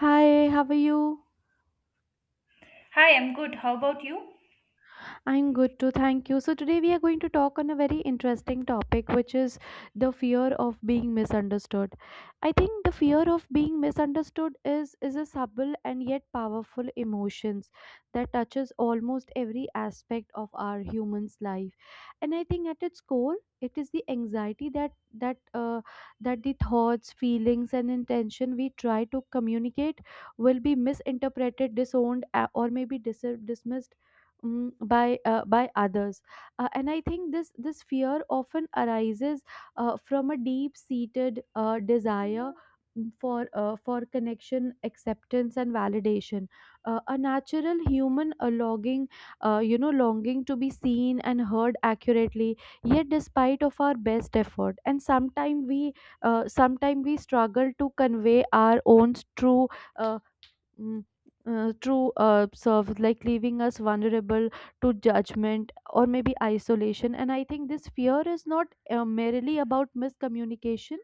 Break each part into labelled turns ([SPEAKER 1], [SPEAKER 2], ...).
[SPEAKER 1] Hi, how are you?
[SPEAKER 2] Hi, I'm good. How about you?
[SPEAKER 1] I'm good too, thank you. So, today we are going to talk on a very interesting topic, which is the fear of being misunderstood. I think the fear of being misunderstood is a subtle and yet powerful emotions that touches almost every aspect of our human's life. And I think at its core, it is the anxiety that that the thoughts, feelings, and intention we try to communicate will be misinterpreted, disowned, or maybe dismissed by others. And I think this fear often arises from a deep seated desire for connection, acceptance, and validation, a natural human longing, longing to be seen and heard accurately. Yet despite of our best effort, and sometimes we struggle to convey our own true uh, Mm, true serves, like leaving us vulnerable to judgment or maybe isolation. And I think this fear is not merely about miscommunication.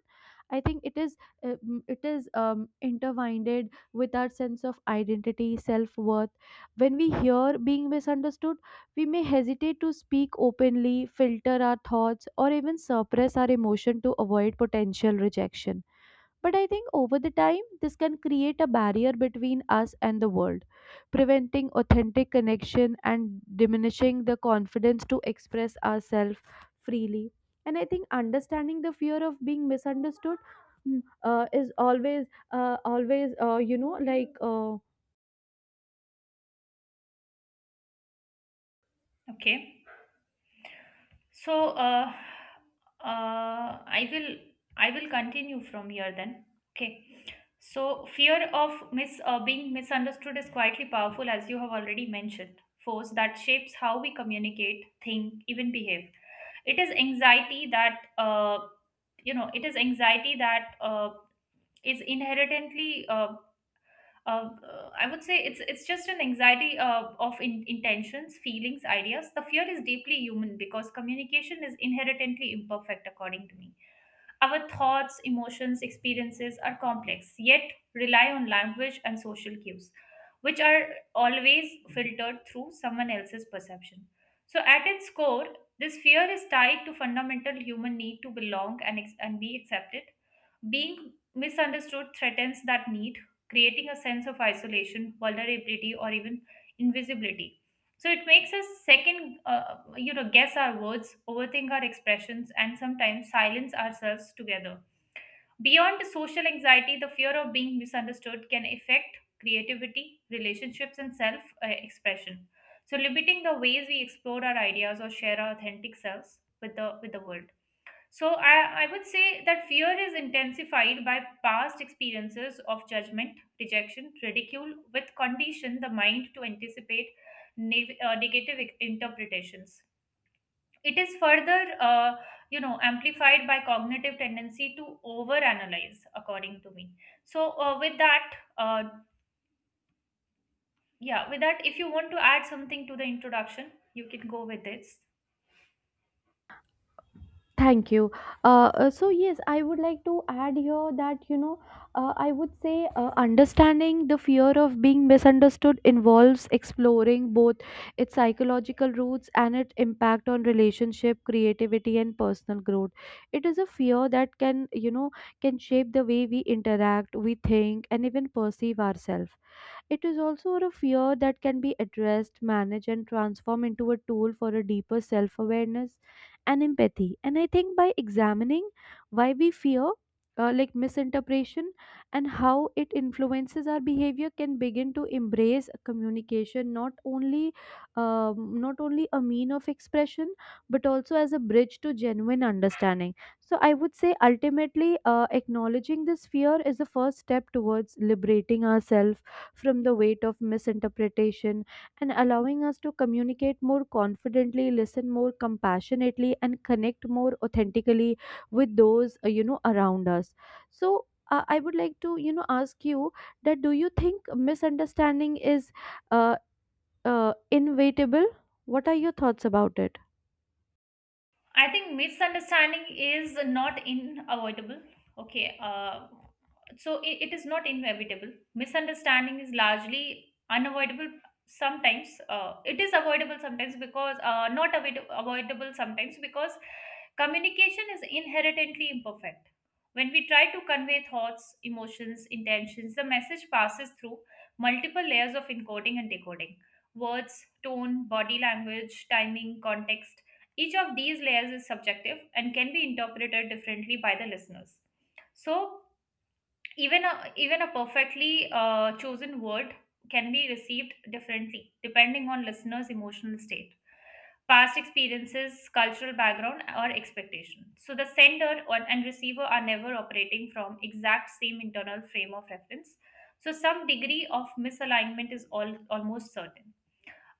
[SPEAKER 1] I think it is it is intertwined with our sense of identity, self-worth. When we hear being misunderstood, we may hesitate to speak openly, filter our thoughts, or even suppress our emotion to avoid potential rejection. But I think over the time, this can create a barrier between us and the world, preventing authentic connection and diminishing the confidence to express ourselves freely. And I think understanding the fear of being misunderstood is always, always,
[SPEAKER 2] Okay. So, uh, I will I will continue from here then. Okay. So, fear of mis being misunderstood is quietly powerful, as you have already mentioned. Force that shapes how we communicate, think, even behave. It is anxiety that It is anxiety that is inherently uh, I would say it's just an anxiety of intentions, feelings, ideas. The fear is deeply human because communication is inherently imperfect, according to me. Our thoughts, emotions, experiences are complex, yet rely on language and social cues, which are always filtered through someone else's perception. So, at its core, this fear is tied to fundamental human need to belong and and be accepted. Being misunderstood threatens that need, creating a sense of isolation, vulnerability, or even invisibility. So it makes us second, guess our words, overthink our expressions, and sometimes silence ourselves together. Beyond social anxiety, the fear of being misunderstood can affect creativity, relationships, and self expression. So, limiting the ways we explore our ideas or share our authentic selves with the world. So I would say that fear is intensified by past experiences of judgment, rejection, ridicule, with condition the mind to anticipate negative interpretations. It is further, amplified by cognitive tendency to overanalyze, according to me. So with that, uh, yeah, with that, if you want to add something to the introduction, you can go with this.
[SPEAKER 1] Thank you. So yes, I would like to add here that I would say understanding the fear of being misunderstood involves exploring both its psychological roots and its impact on relationship, creativity, and personal growth. It is a fear that can can shape the way we interact, we think, and even perceive ourselves. It is also a fear that can be addressed, managed, and transformed into a tool for a deeper self awareness and empathy. And I think by examining why we fear, like misinterpretation, and how it influences our behavior, can begin to embrace communication not only a mean of expression, but also as a bridge to genuine understanding. So I would say ultimately, acknowledging this fear is the first step towards liberating ourselves from the weight of misinterpretation and allowing us to communicate more confidently, listen more compassionately, and connect more authentically with those around us. So I would like to ask you that do you think misunderstanding is uh, inevitable? What are your thoughts about it?
[SPEAKER 2] I think misunderstanding is not unavoidable. Okay, so it is not inevitable. Misunderstanding is largely unavoidable sometimes. It is avoidable sometimes because not avoidable sometimes because communication is inherently imperfect. When we try to convey thoughts, emotions, intentions, the message passes through multiple layers of encoding and decoding. Words, tone, body language, timing, context. Each of these layers is subjective and can be interpreted differently by the listeners. So, even a perfectly chosen word can be received differently depending on listeners' emotional state, past experiences, cultural background, or expectation. So, the sender and receiver are never operating from exact same internal frame of reference. So, some degree of misalignment is almost certain.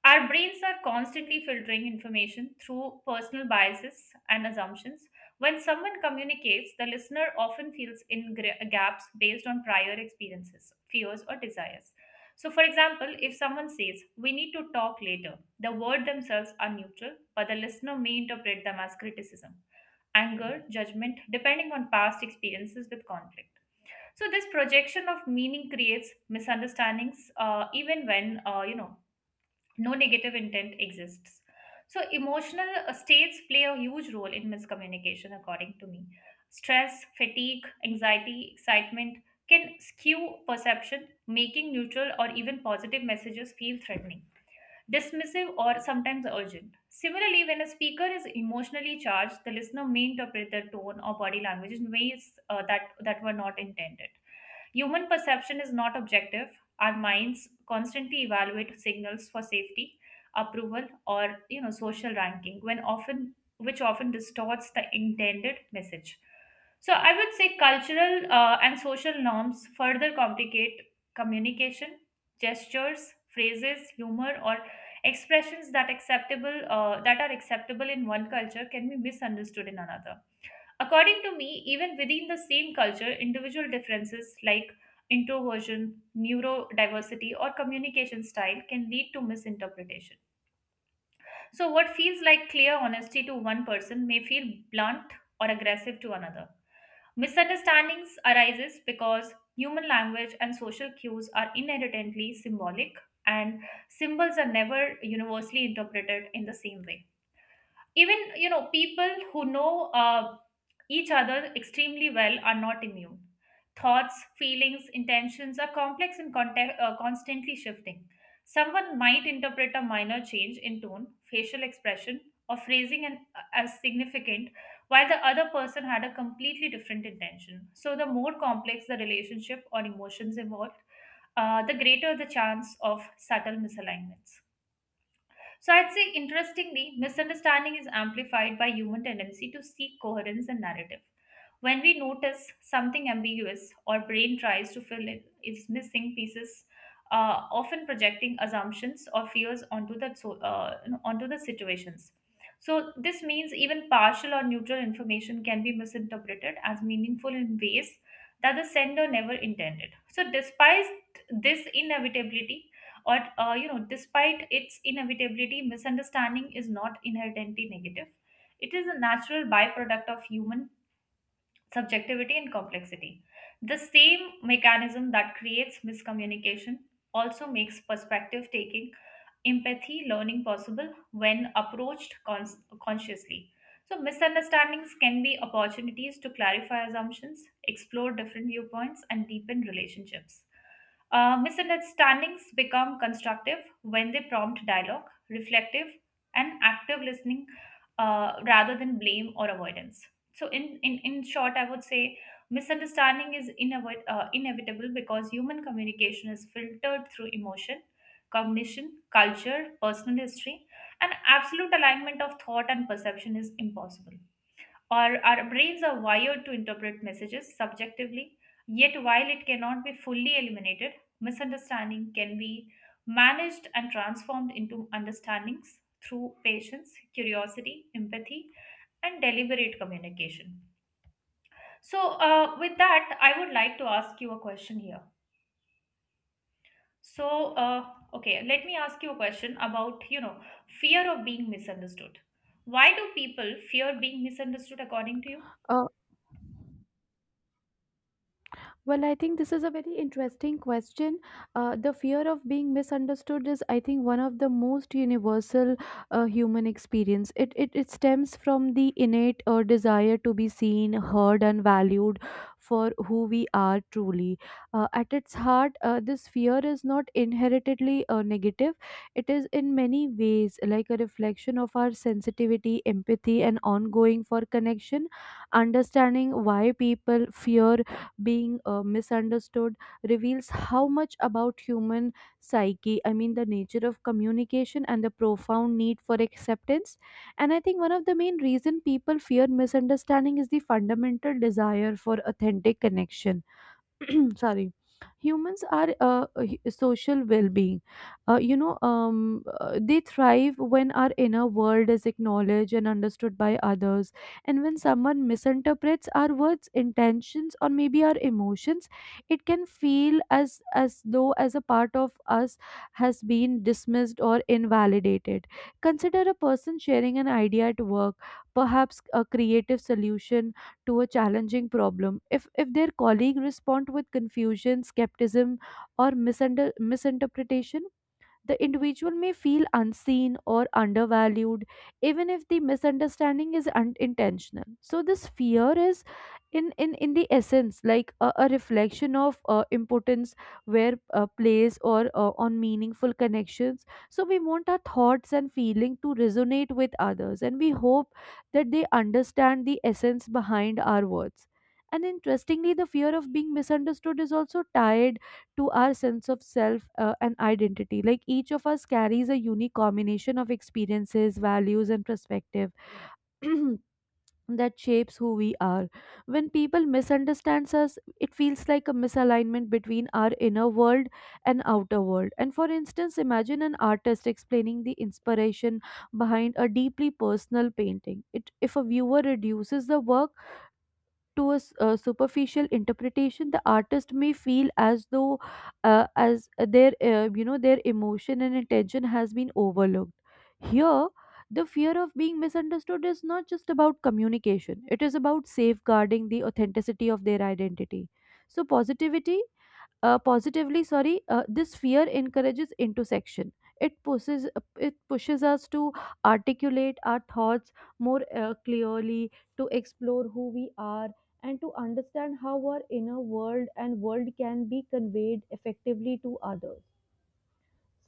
[SPEAKER 2] Our brains are constantly filtering information through personal biases and assumptions. When someone communicates, the listener often feels in gaps based on prior experiences, fears, or desires. So, for example, if someone says, "We need to talk later," the words themselves are neutral, but the listener may interpret them as criticism, anger, judgment, depending on past experiences with conflict. So, this projection of meaning creates misunderstandings, even when, no negative intent exists. So, emotional states play a huge role in miscommunication, according to me. Stress, fatigue, anxiety, excitement can skew perception, making neutral or even positive messages feel threatening, dismissive, or sometimes urgent. Similarly, when a speaker is emotionally charged, the listener may interpret their tone or body language in ways that were not intended. Human perception is not objective. Our minds constantly evaluate signals for safety, approval, or social ranking, when often which often distorts the intended message. So I would say cultural and social norms further complicate communication, gestures, phrases, humor, or expressions that are acceptable in one culture can be misunderstood in another. According to me, even within the same culture, individual differences like introversion, neurodiversity, or communication style can lead to misinterpretation. So, what feels like clear honesty to one person may feel blunt or aggressive to another. Misunderstandings arises because human language and social cues are inherently symbolic, and symbols are never universally interpreted in the same way. Even people who know each other extremely well are not immune. Thoughts, feelings, intentions are complex and constantly shifting. Someone might interpret a minor change in tone, facial expression, or phrasing as significant, while the other person had a completely different intention. So the more complex the relationship or emotions involved, the greater the chance of subtle misalignments. So I'd say, interestingly, misunderstanding is amplified by human tendency to seek coherence and narrative. When we notice something ambiguous, our brain tries to fill in its missing pieces, often projecting assumptions or fears onto the situations. So this means even partial or neutral information can be misinterpreted as meaningful in ways that the sender never intended. So despite this inevitability, or despite its inevitability, misunderstanding is not inherently negative. It is a natural byproduct of human subjectivity and complexity. The same mechanism that creates miscommunication also makes perspective taking, empathy, learning possible when approached consciously. So, misunderstandings can be opportunities to clarify assumptions, explore different viewpoints, and deepen relationships. Misunderstandings become constructive when they prompt dialogue, reflective, and active listening, rather than blame or avoidance. So in short, I would say misunderstanding is inevitable because human communication is filtered through emotion, cognition, culture, personal history, and absolute alignment of thought and perception is impossible. Our brains are wired to interpret messages subjectively, yet while it cannot be fully eliminated, misunderstanding can be managed and transformed into understandings through patience, curiosity, empathy, and deliberate communication. So, with that, I would like to ask you a question here. So, okay, let me ask you a question about, fear of being misunderstood. Why do people fear being misunderstood according to you?
[SPEAKER 1] Uh, Well, I think this is a very interesting question. The fear of being misunderstood is, I think, one of the most universal human experience. It stems from the innate desire to be seen, heard, and valued for who we are truly. At its heart, this fear is not inheritedly negative. It is in many ways like a reflection of our sensitivity, empathy, and ongoing for connection. Understanding why people fear being misunderstood reveals how much about human psyche, I mean the nature of communication and the profound need for acceptance. And I think one of the main reason people fear misunderstanding is the fundamental desire for authentic connection. Sorry. Humans are social well-being. They thrive when our inner world is acknowledged and understood by others, and when someone misinterprets our words, intentions, or maybe our emotions, it can feel as though as a part of us has been dismissed or invalidated. Consider a person sharing an idea at work, perhaps a creative solution to a challenging problem. If their colleague respond with confusion, skepticism, or misinterpretation, the individual may feel unseen or undervalued, even if the misunderstanding is unintentional. So, this fear is, in the essence, like a reflection of importance where place or on meaningful connections. So, we want our thoughts and feeling to resonate with others, and we hope that they understand the essence behind our words. And interestingly, the fear of being misunderstood is also tied to our sense of self and identity. Like each of us carries a unique combination of experiences, values, and perspective. That shapes who we are. When people misunderstands us, it feels like a misalignment between our inner world and outer world. And for instance, imagine an artist explaining the inspiration behind a deeply personal painting. If a viewer reduces the work to a superficial interpretation, the artist may feel as though as their their emotion and attention has been overlooked here. The fear of being misunderstood is not just about communication, it is about safeguarding the authenticity of their identity. So positivity, positively, sorry, this fear encourages intersection. It pushes it pushes us to articulate our thoughts more clearly, to explore who we are, and to understand how our inner world and world can be conveyed effectively to others.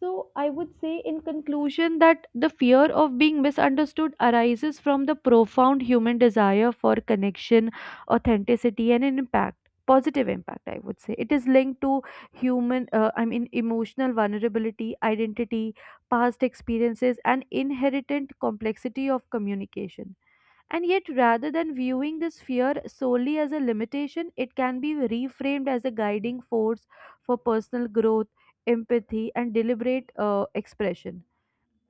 [SPEAKER 1] So, I would say in conclusion that the fear of being misunderstood arises from the profound human desire for connection, authenticity, and an impact. Positive impact, I would say. It is linked to human, I mean, emotional vulnerability, identity, past experiences, and inherent complexity of communication. And yet, rather than viewing this fear solely as a limitation, it can be reframed as a guiding force for personal growth, empathy, and deliberate expression.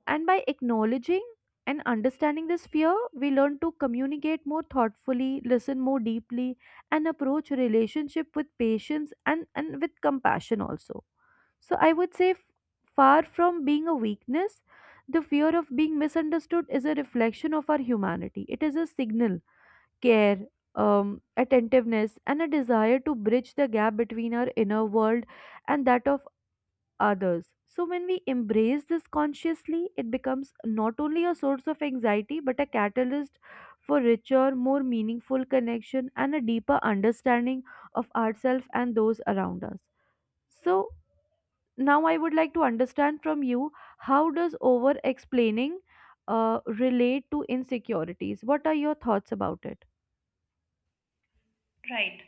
[SPEAKER 1] And by acknowledging and understanding this fear, we learn to communicate more thoughtfully, listen more deeply, and approach relationship with patience and with compassion also. So I would say, far from being a weakness, the fear of being misunderstood is a reflection of our humanity. It is a signal, care, attentiveness, and a desire to bridge the gap between our inner world and that of others. So, when we embrace this consciously, it becomes not only a source of anxiety but a catalyst for richer, more meaningful connection and a deeper understanding of ourselves and those around us. So, now I would like to understand from you, how does over explaining relate to insecurities? What are your thoughts about it?
[SPEAKER 2] Right.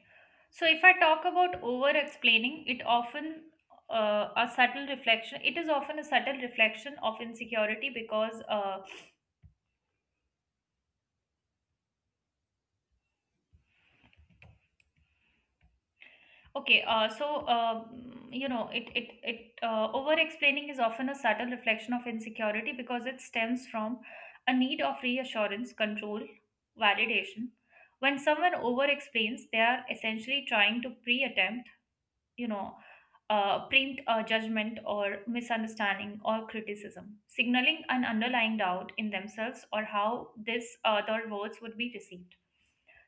[SPEAKER 2] So, if I talk about over explaining, it is often a subtle reflection of insecurity because okay, so it it it over explaining is often a subtle reflection of insecurity because it stems from a need of reassurance, control, validation. When someone over explains, they are essentially trying to you know, preempt a judgment or misunderstanding or criticism, signaling an underlying doubt in themselves or how this their words would be received.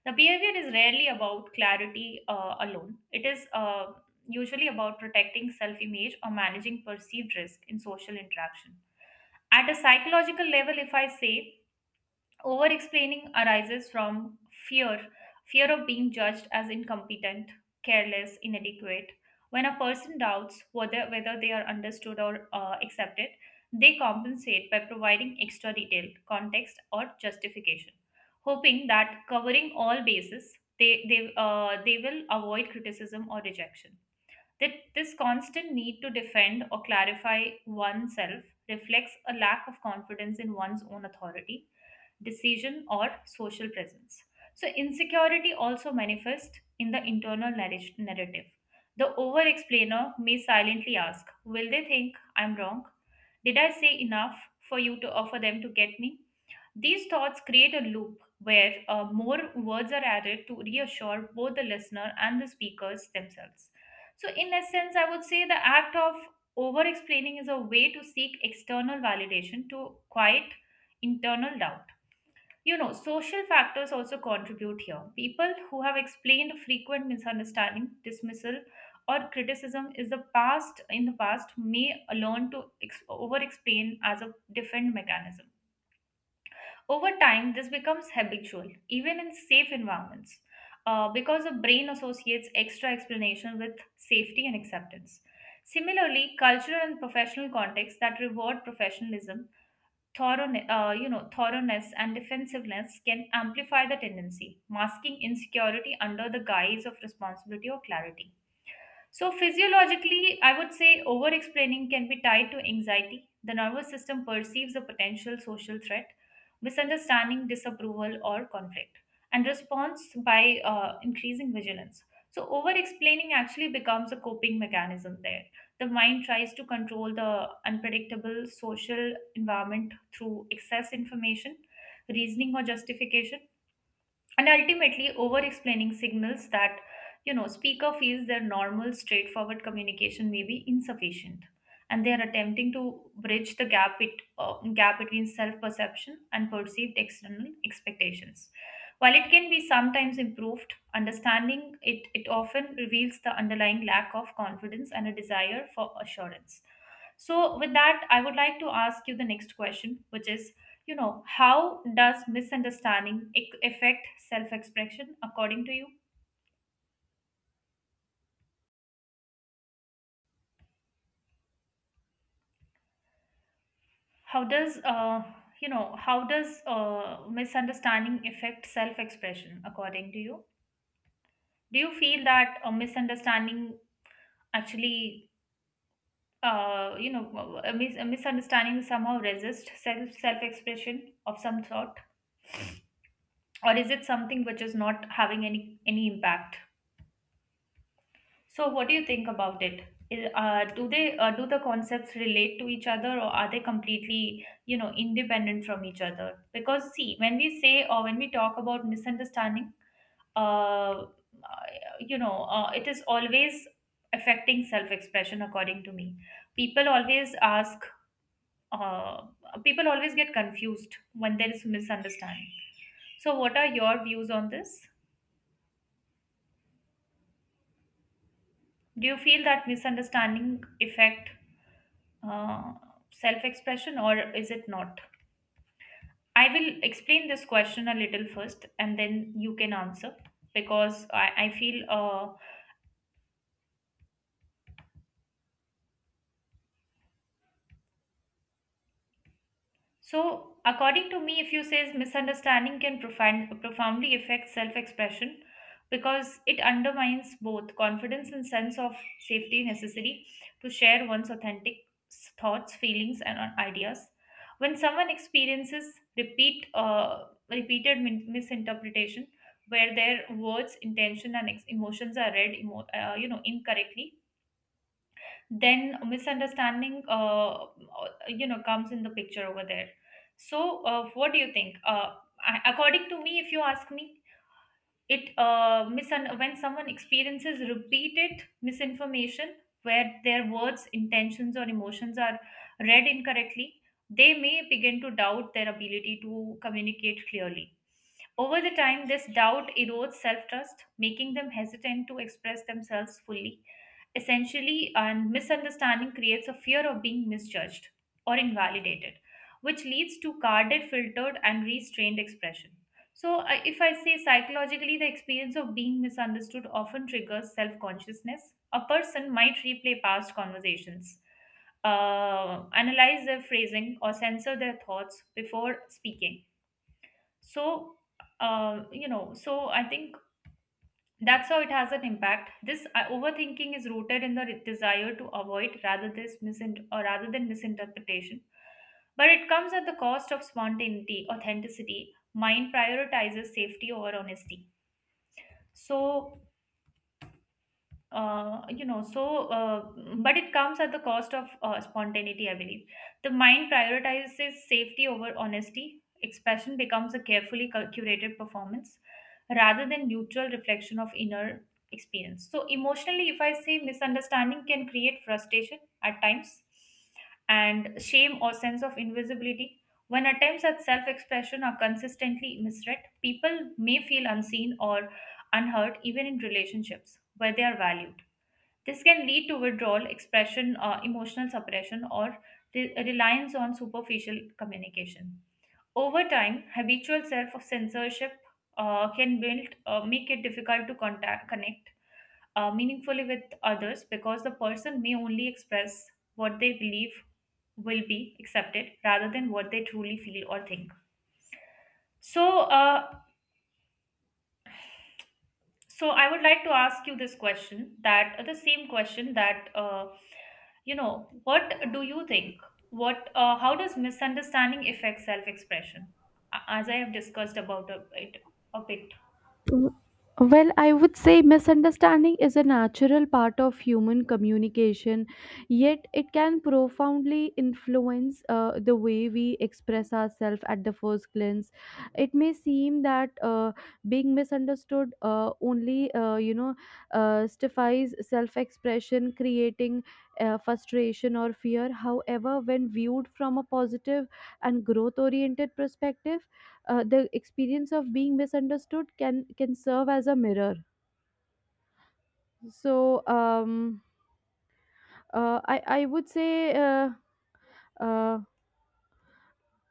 [SPEAKER 2] The behavior is rarely about clarity alone. It is usually about protecting self image or managing perceived risk in social interaction. At a psychological level, if I say over explaining arises from fear, fear of being judged as incompetent, careless, inadequate. When a person doubts whether they are understood or accepted, they compensate by providing extra detail, context, or justification, hoping that covering all bases, they will avoid criticism or rejection. That this constant need to defend or clarify oneself reflects a lack of confidence in one's own authority, decision, or social presence. So, insecurity also manifests in the internal narrative. The over explainer may silently ask, "Will they think I'm wrong? Did I say enough for you to offer them to get me?" These thoughts create a loop where more words are added to reassure both the listener and the speakers themselves. So, in essence, I would say the act of over explaining is a way to seek external validation to quiet internal doubt. Social factors also contribute here. People who have explained frequent misunderstanding, dismissal, or criticism is the past in the past may learn to over explain as a defend mechanism. Over time, this becomes habitual, even in safe environments, because the brain associates extra explanation with safety and acceptance. Similarly, cultural and professional contexts that reward professionalism, thoroughness and defensiveness can amplify the tendency, masking insecurity under the guise of responsibility or clarity. So, physiologically, I would say over explaining can be tied to anxiety. The nervous system perceives a potential social threat, misunderstanding, disapproval, or conflict, and responds by increasing vigilance. So, over explaining actually becomes a coping mechanism there. The mind tries to control the unpredictable social environment through excess information, reasoning, or justification. And ultimately over explaining signals that speaker feels their normal straightforward communication may be insufficient, and they are attempting to bridge the gap between self-perception and perceived external expectations. While it can be sometimes improved understanding, it often reveals the underlying lack of confidence and a desire for assurance. So with that, I would like to ask you the next question, which is, how does misunderstanding affect self-expression according to you? How does uh, how does misunderstanding affect self-expression according to you? Do you feel that a misunderstanding actually, a misunderstanding somehow resists self-expression of some sort? Or is it something which is not having any impact? So, what do you think about it? Do they do the concepts relate to each other, or are they completely, independent from each other? Because see, when we say or when we talk about misunderstanding, uh, it is always affecting self-expression, according to me. People always ask. Uh, People always get confused when there is misunderstanding. So, what are your views on this? Do you feel that misunderstanding affect uh, self expression or is it not? I will explain this question a little first and then you can answer because I feel so, according to me, if you say misunderstanding can profoundly affect self-expression because it undermines both confidence and sense of safety necessary to share one's authentic thoughts, feelings, and ideas. When someone experiences repeated misinterpretation, where their words, intention, and emotions are read incorrectly, then misunderstanding comes in the picture over there. So what do you think I- According to me, if you ask me, when someone experiences repeated misinformation where their words, intentions, or emotions are read incorrectly, they may begin to doubt their ability to communicate clearly. Over the time, this doubt erodes self-trust, making them hesitant to express themselves fully essentially, and misunderstanding creates a fear of being misjudged or invalidated, which leads to guarded, filtered, and restrained expression. If I say, psychologically, the experience of being misunderstood often triggers self-consciousness. A person might replay past conversations, analyze their phrasing, or censor their thoughts before speaking. So uh, you know so I think that's how it has an impact. This overthinking is rooted in the desire to avoid rather than misinterpretation. But it comes at the cost of spontaneity, authenticity. Mind prioritizes safety over honesty. So uh, you know so uh, but it comes at the cost of spontaneity, I believe. The mind prioritizes safety over honesty. Expression becomes a carefully curated performance rather than neutral reflection of inner experience. So, emotionally, if I say, misunderstanding can create frustration at times, and shame or sense of invisibility. When attempts at self-expression are consistently misread, people may feel unseen or unheard, even in relationships where they are valued. This can lead to withdrawal, expression, emotional suppression, or reliance on superficial communication. Over time, habitual self censorship can build, make it difficult to connect meaningfully with others, because the person may only express what they believe will be accepted rather than what they truly feel or think. So, uh, So I would like to ask you this question, that the same question, that you know what do you think, what how does misunderstanding affect self-expression, as I have discussed about it a bit.
[SPEAKER 1] W- Well, I would say misunderstanding is a natural part of human communication, yet it can profoundly influence the way we express ourselves at the first glance. It may seem that being misunderstood stifies self-expression, creating frustration or fear. However, when viewed from a positive and growth-oriented perspective, the experience of being misunderstood can serve as a mirror. So I would say uh,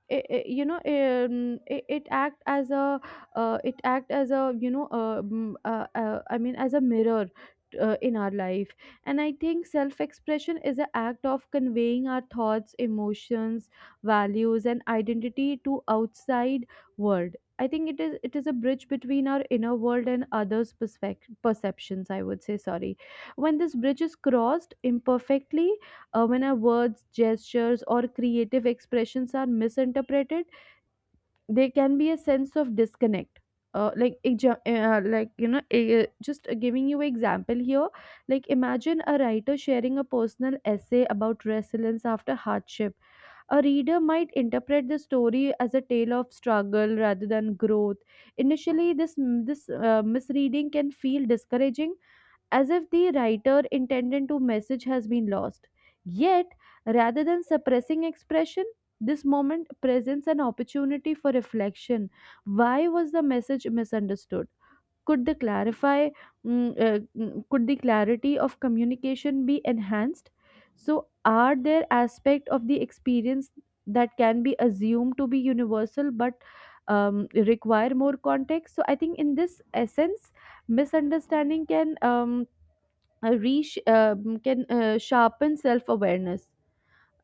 [SPEAKER 1] it, it- you know it, it act as a it act as a I mean as a mirror in our life. And I think self expression is an act of conveying our thoughts, emotions, values, and identity to outside world. I think it is a bridge between our inner world and others perceptions, I would say, sorry. When this bridge is crossed imperfectly, when our words, gestures, or creative expressions are misinterpreted, there can be a sense of disconnect. Just giving you example here, like imagine a writer sharing a personal essay about resilience after hardship. A reader might interpret the story as a tale of struggle rather than growth. Initially, this misreading can feel discouraging, as if the writer intended to message has been lost. Yet, rather than suppressing expression, this moment presents an opportunity for reflection. Why was the message misunderstood? Could the clarify, mm, mm, Could the clarity of communication be enhanced? So, are there aspects of the experience that can be assumed to be universal but require more context? So, I think in this essence, misunderstanding can reach can sharpen self awareness.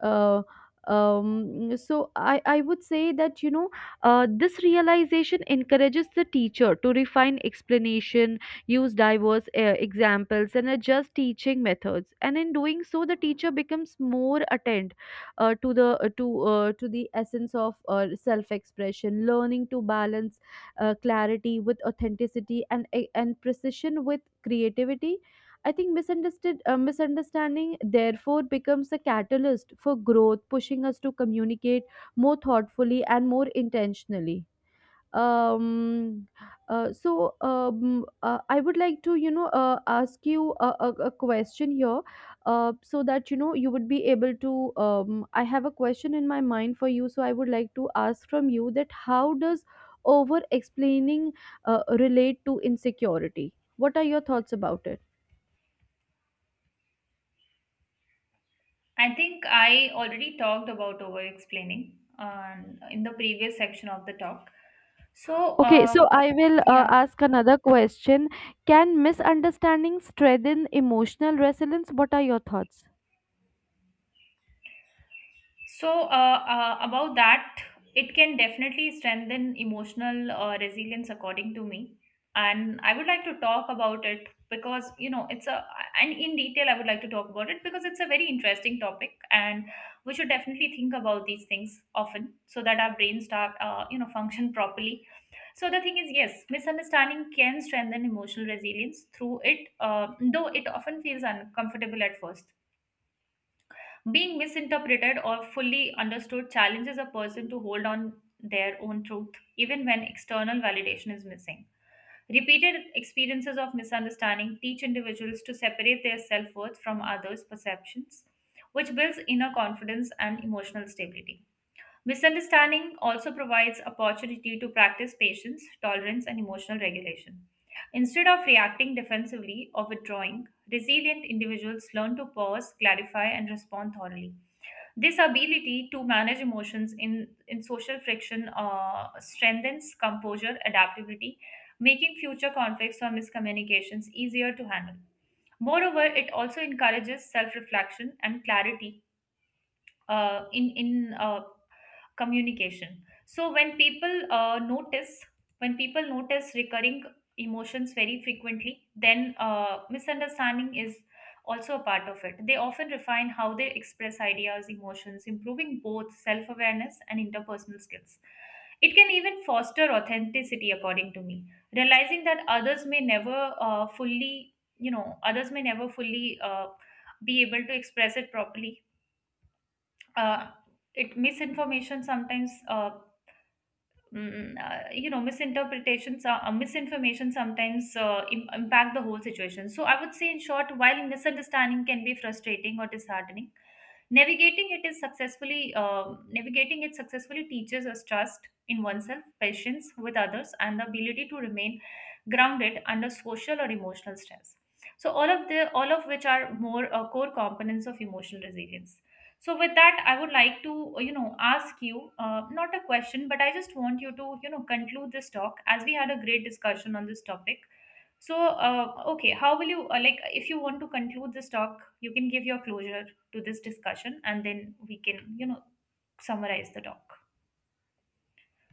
[SPEAKER 1] Uh, um, so I, I would say that this realization encourages the teacher to refine explanation, use diverse examples, and adjust teaching methods. And in doing so, the teacher becomes more attent, to the essence of self expression, learning to balance clarity with authenticity, and precision with creativity. I think misunderstood misunderstanding therefore becomes a catalyst for growth, pushing us to communicate more thoughtfully and more intentionally. Um, I would like to ask you a question here, so that you know you would be able to. I have a question in my mind for you, so I would like to ask from you that how does over explaining relate to insecurity? What are your thoughts about it?
[SPEAKER 2] I think I already talked about over explaining in the previous section of the talk, so
[SPEAKER 1] Okay, so I will
[SPEAKER 2] yeah.
[SPEAKER 1] ask another question. Can misunderstanding strengthen emotional resilience? What are your thoughts?
[SPEAKER 2] About that, it can definitely strengthen emotional resilience, according to me. And I would like to talk about it because, you know, and in detail, I would like to talk about it because it's a very interesting topic. And we should definitely think about these things often so that our brains start, function properly. So, the thing is, yes, misunderstanding can strengthen emotional resilience through though it often feels uncomfortable at first. Being misinterpreted or fully understood challenges a person to hold on their own truth, even when external validation is missing. Repeated experiences of misunderstanding teach individuals to separate their self worth from others' perceptions, which builds inner confidence and emotional stability. Misunderstanding also provides opportunity to practice patience, tolerance, and emotional regulation. Instead of reacting defensively or withdrawing, resilient individuals learn to pause, clarify, and respond thoroughly. This ability to manage emotions in social friction strengthens composure, adaptability, making future conflicts or miscommunications easier to handle. Moreover, it also encourages self reflection and clarity in communication. So when people notice recurring emotions very frequently, then misunderstanding is also a part of it. They often refine how they express ideas, emotions, improving both self-awareness and interpersonal skills. It can even foster authenticity, according to me. Realizing that others may never fully you know others may never fully be able to express it properly. Uh, it Misinformation sometimes, misinterpretations misinformation sometimes impact the whole situation. So I would say, in short, while misunderstanding can be frustrating or disheartening, navigating it successfully teaches us trust in oneself, patience with others, and the ability to remain grounded under social or emotional stress. So all of which are more core components of emotional resilience. So with that, I would like to ask you, not a question, but I just want you to, you know, conclude this talk, as we had a great discussion on this topic. So okay, how will you like, if you want to conclude this talk, you can give your closure to this discussion, and then we can, you know, summarize the talk.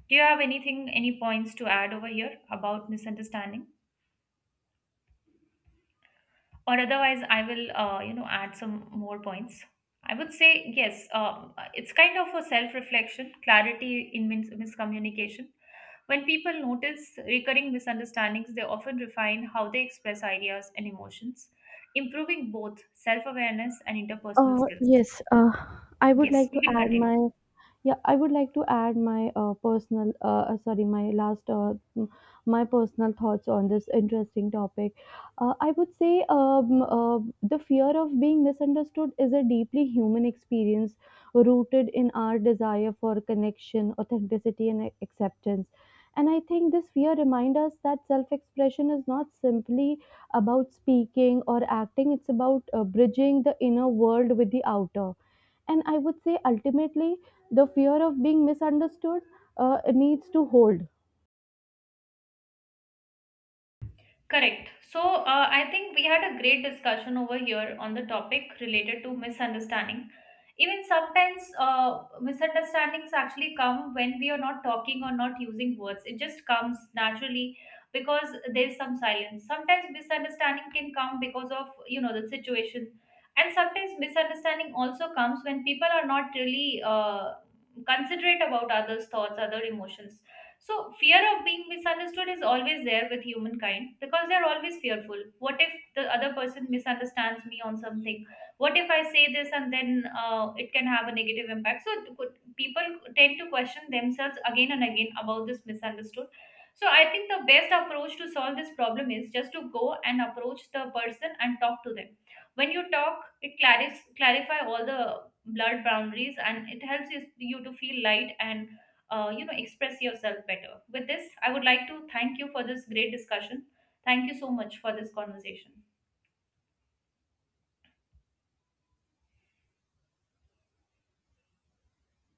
[SPEAKER 2] Do you have anything, any points to add over here about misunderstanding? Or otherwise, I will, you know, add some more points. I would say yes. It's kind of a self-reflection, clarity in miscommunication. When people notice recurring misunderstandings, they often refine how they express ideas and emotions, improving both self awareness and interpersonal skills.
[SPEAKER 1] Yes, I would
[SPEAKER 2] Yes,
[SPEAKER 1] like
[SPEAKER 2] you
[SPEAKER 1] to
[SPEAKER 2] can
[SPEAKER 1] add
[SPEAKER 2] continue.
[SPEAKER 1] my, yeah, I would like to add my personal, sorry, my last, m- my personal thoughts on this interesting topic. I would say the fear of being misunderstood is a deeply human experience rooted in our desire for connection, authenticity, and acceptance. And I think this fear reminds us that self expression is not simply about speaking or acting, it's about bridging the inner world with the outer. And I would say ultimately, the fear of being misunderstood needs to hold
[SPEAKER 2] Correct. So, I think we had a great discussion over here on the topic related to misunderstanding. Even sometimes, misunderstandings actually come when we are not talking or not using words. It just comes naturally because there's some silence. Sometimes misunderstanding can come because of, you know, the situation. And sometimes misunderstanding also comes when people are not really considerate about others' thoughts, other emotions. So, fear of being misunderstood is always there with humankind, because they're always fearful. What if the other person misunderstands me on something? What if I say this and then it can have a negative impact? So, people tend to question themselves again and again about this misunderstood. So, I think the best approach to solve this problem is just to go and approach the person and talk to them. When you talk, it clarify all the blurred boundaries, and it helps you to feel light and express yourself better. With this, I would like to thank you for this great discussion. Thank you so much for this conversation.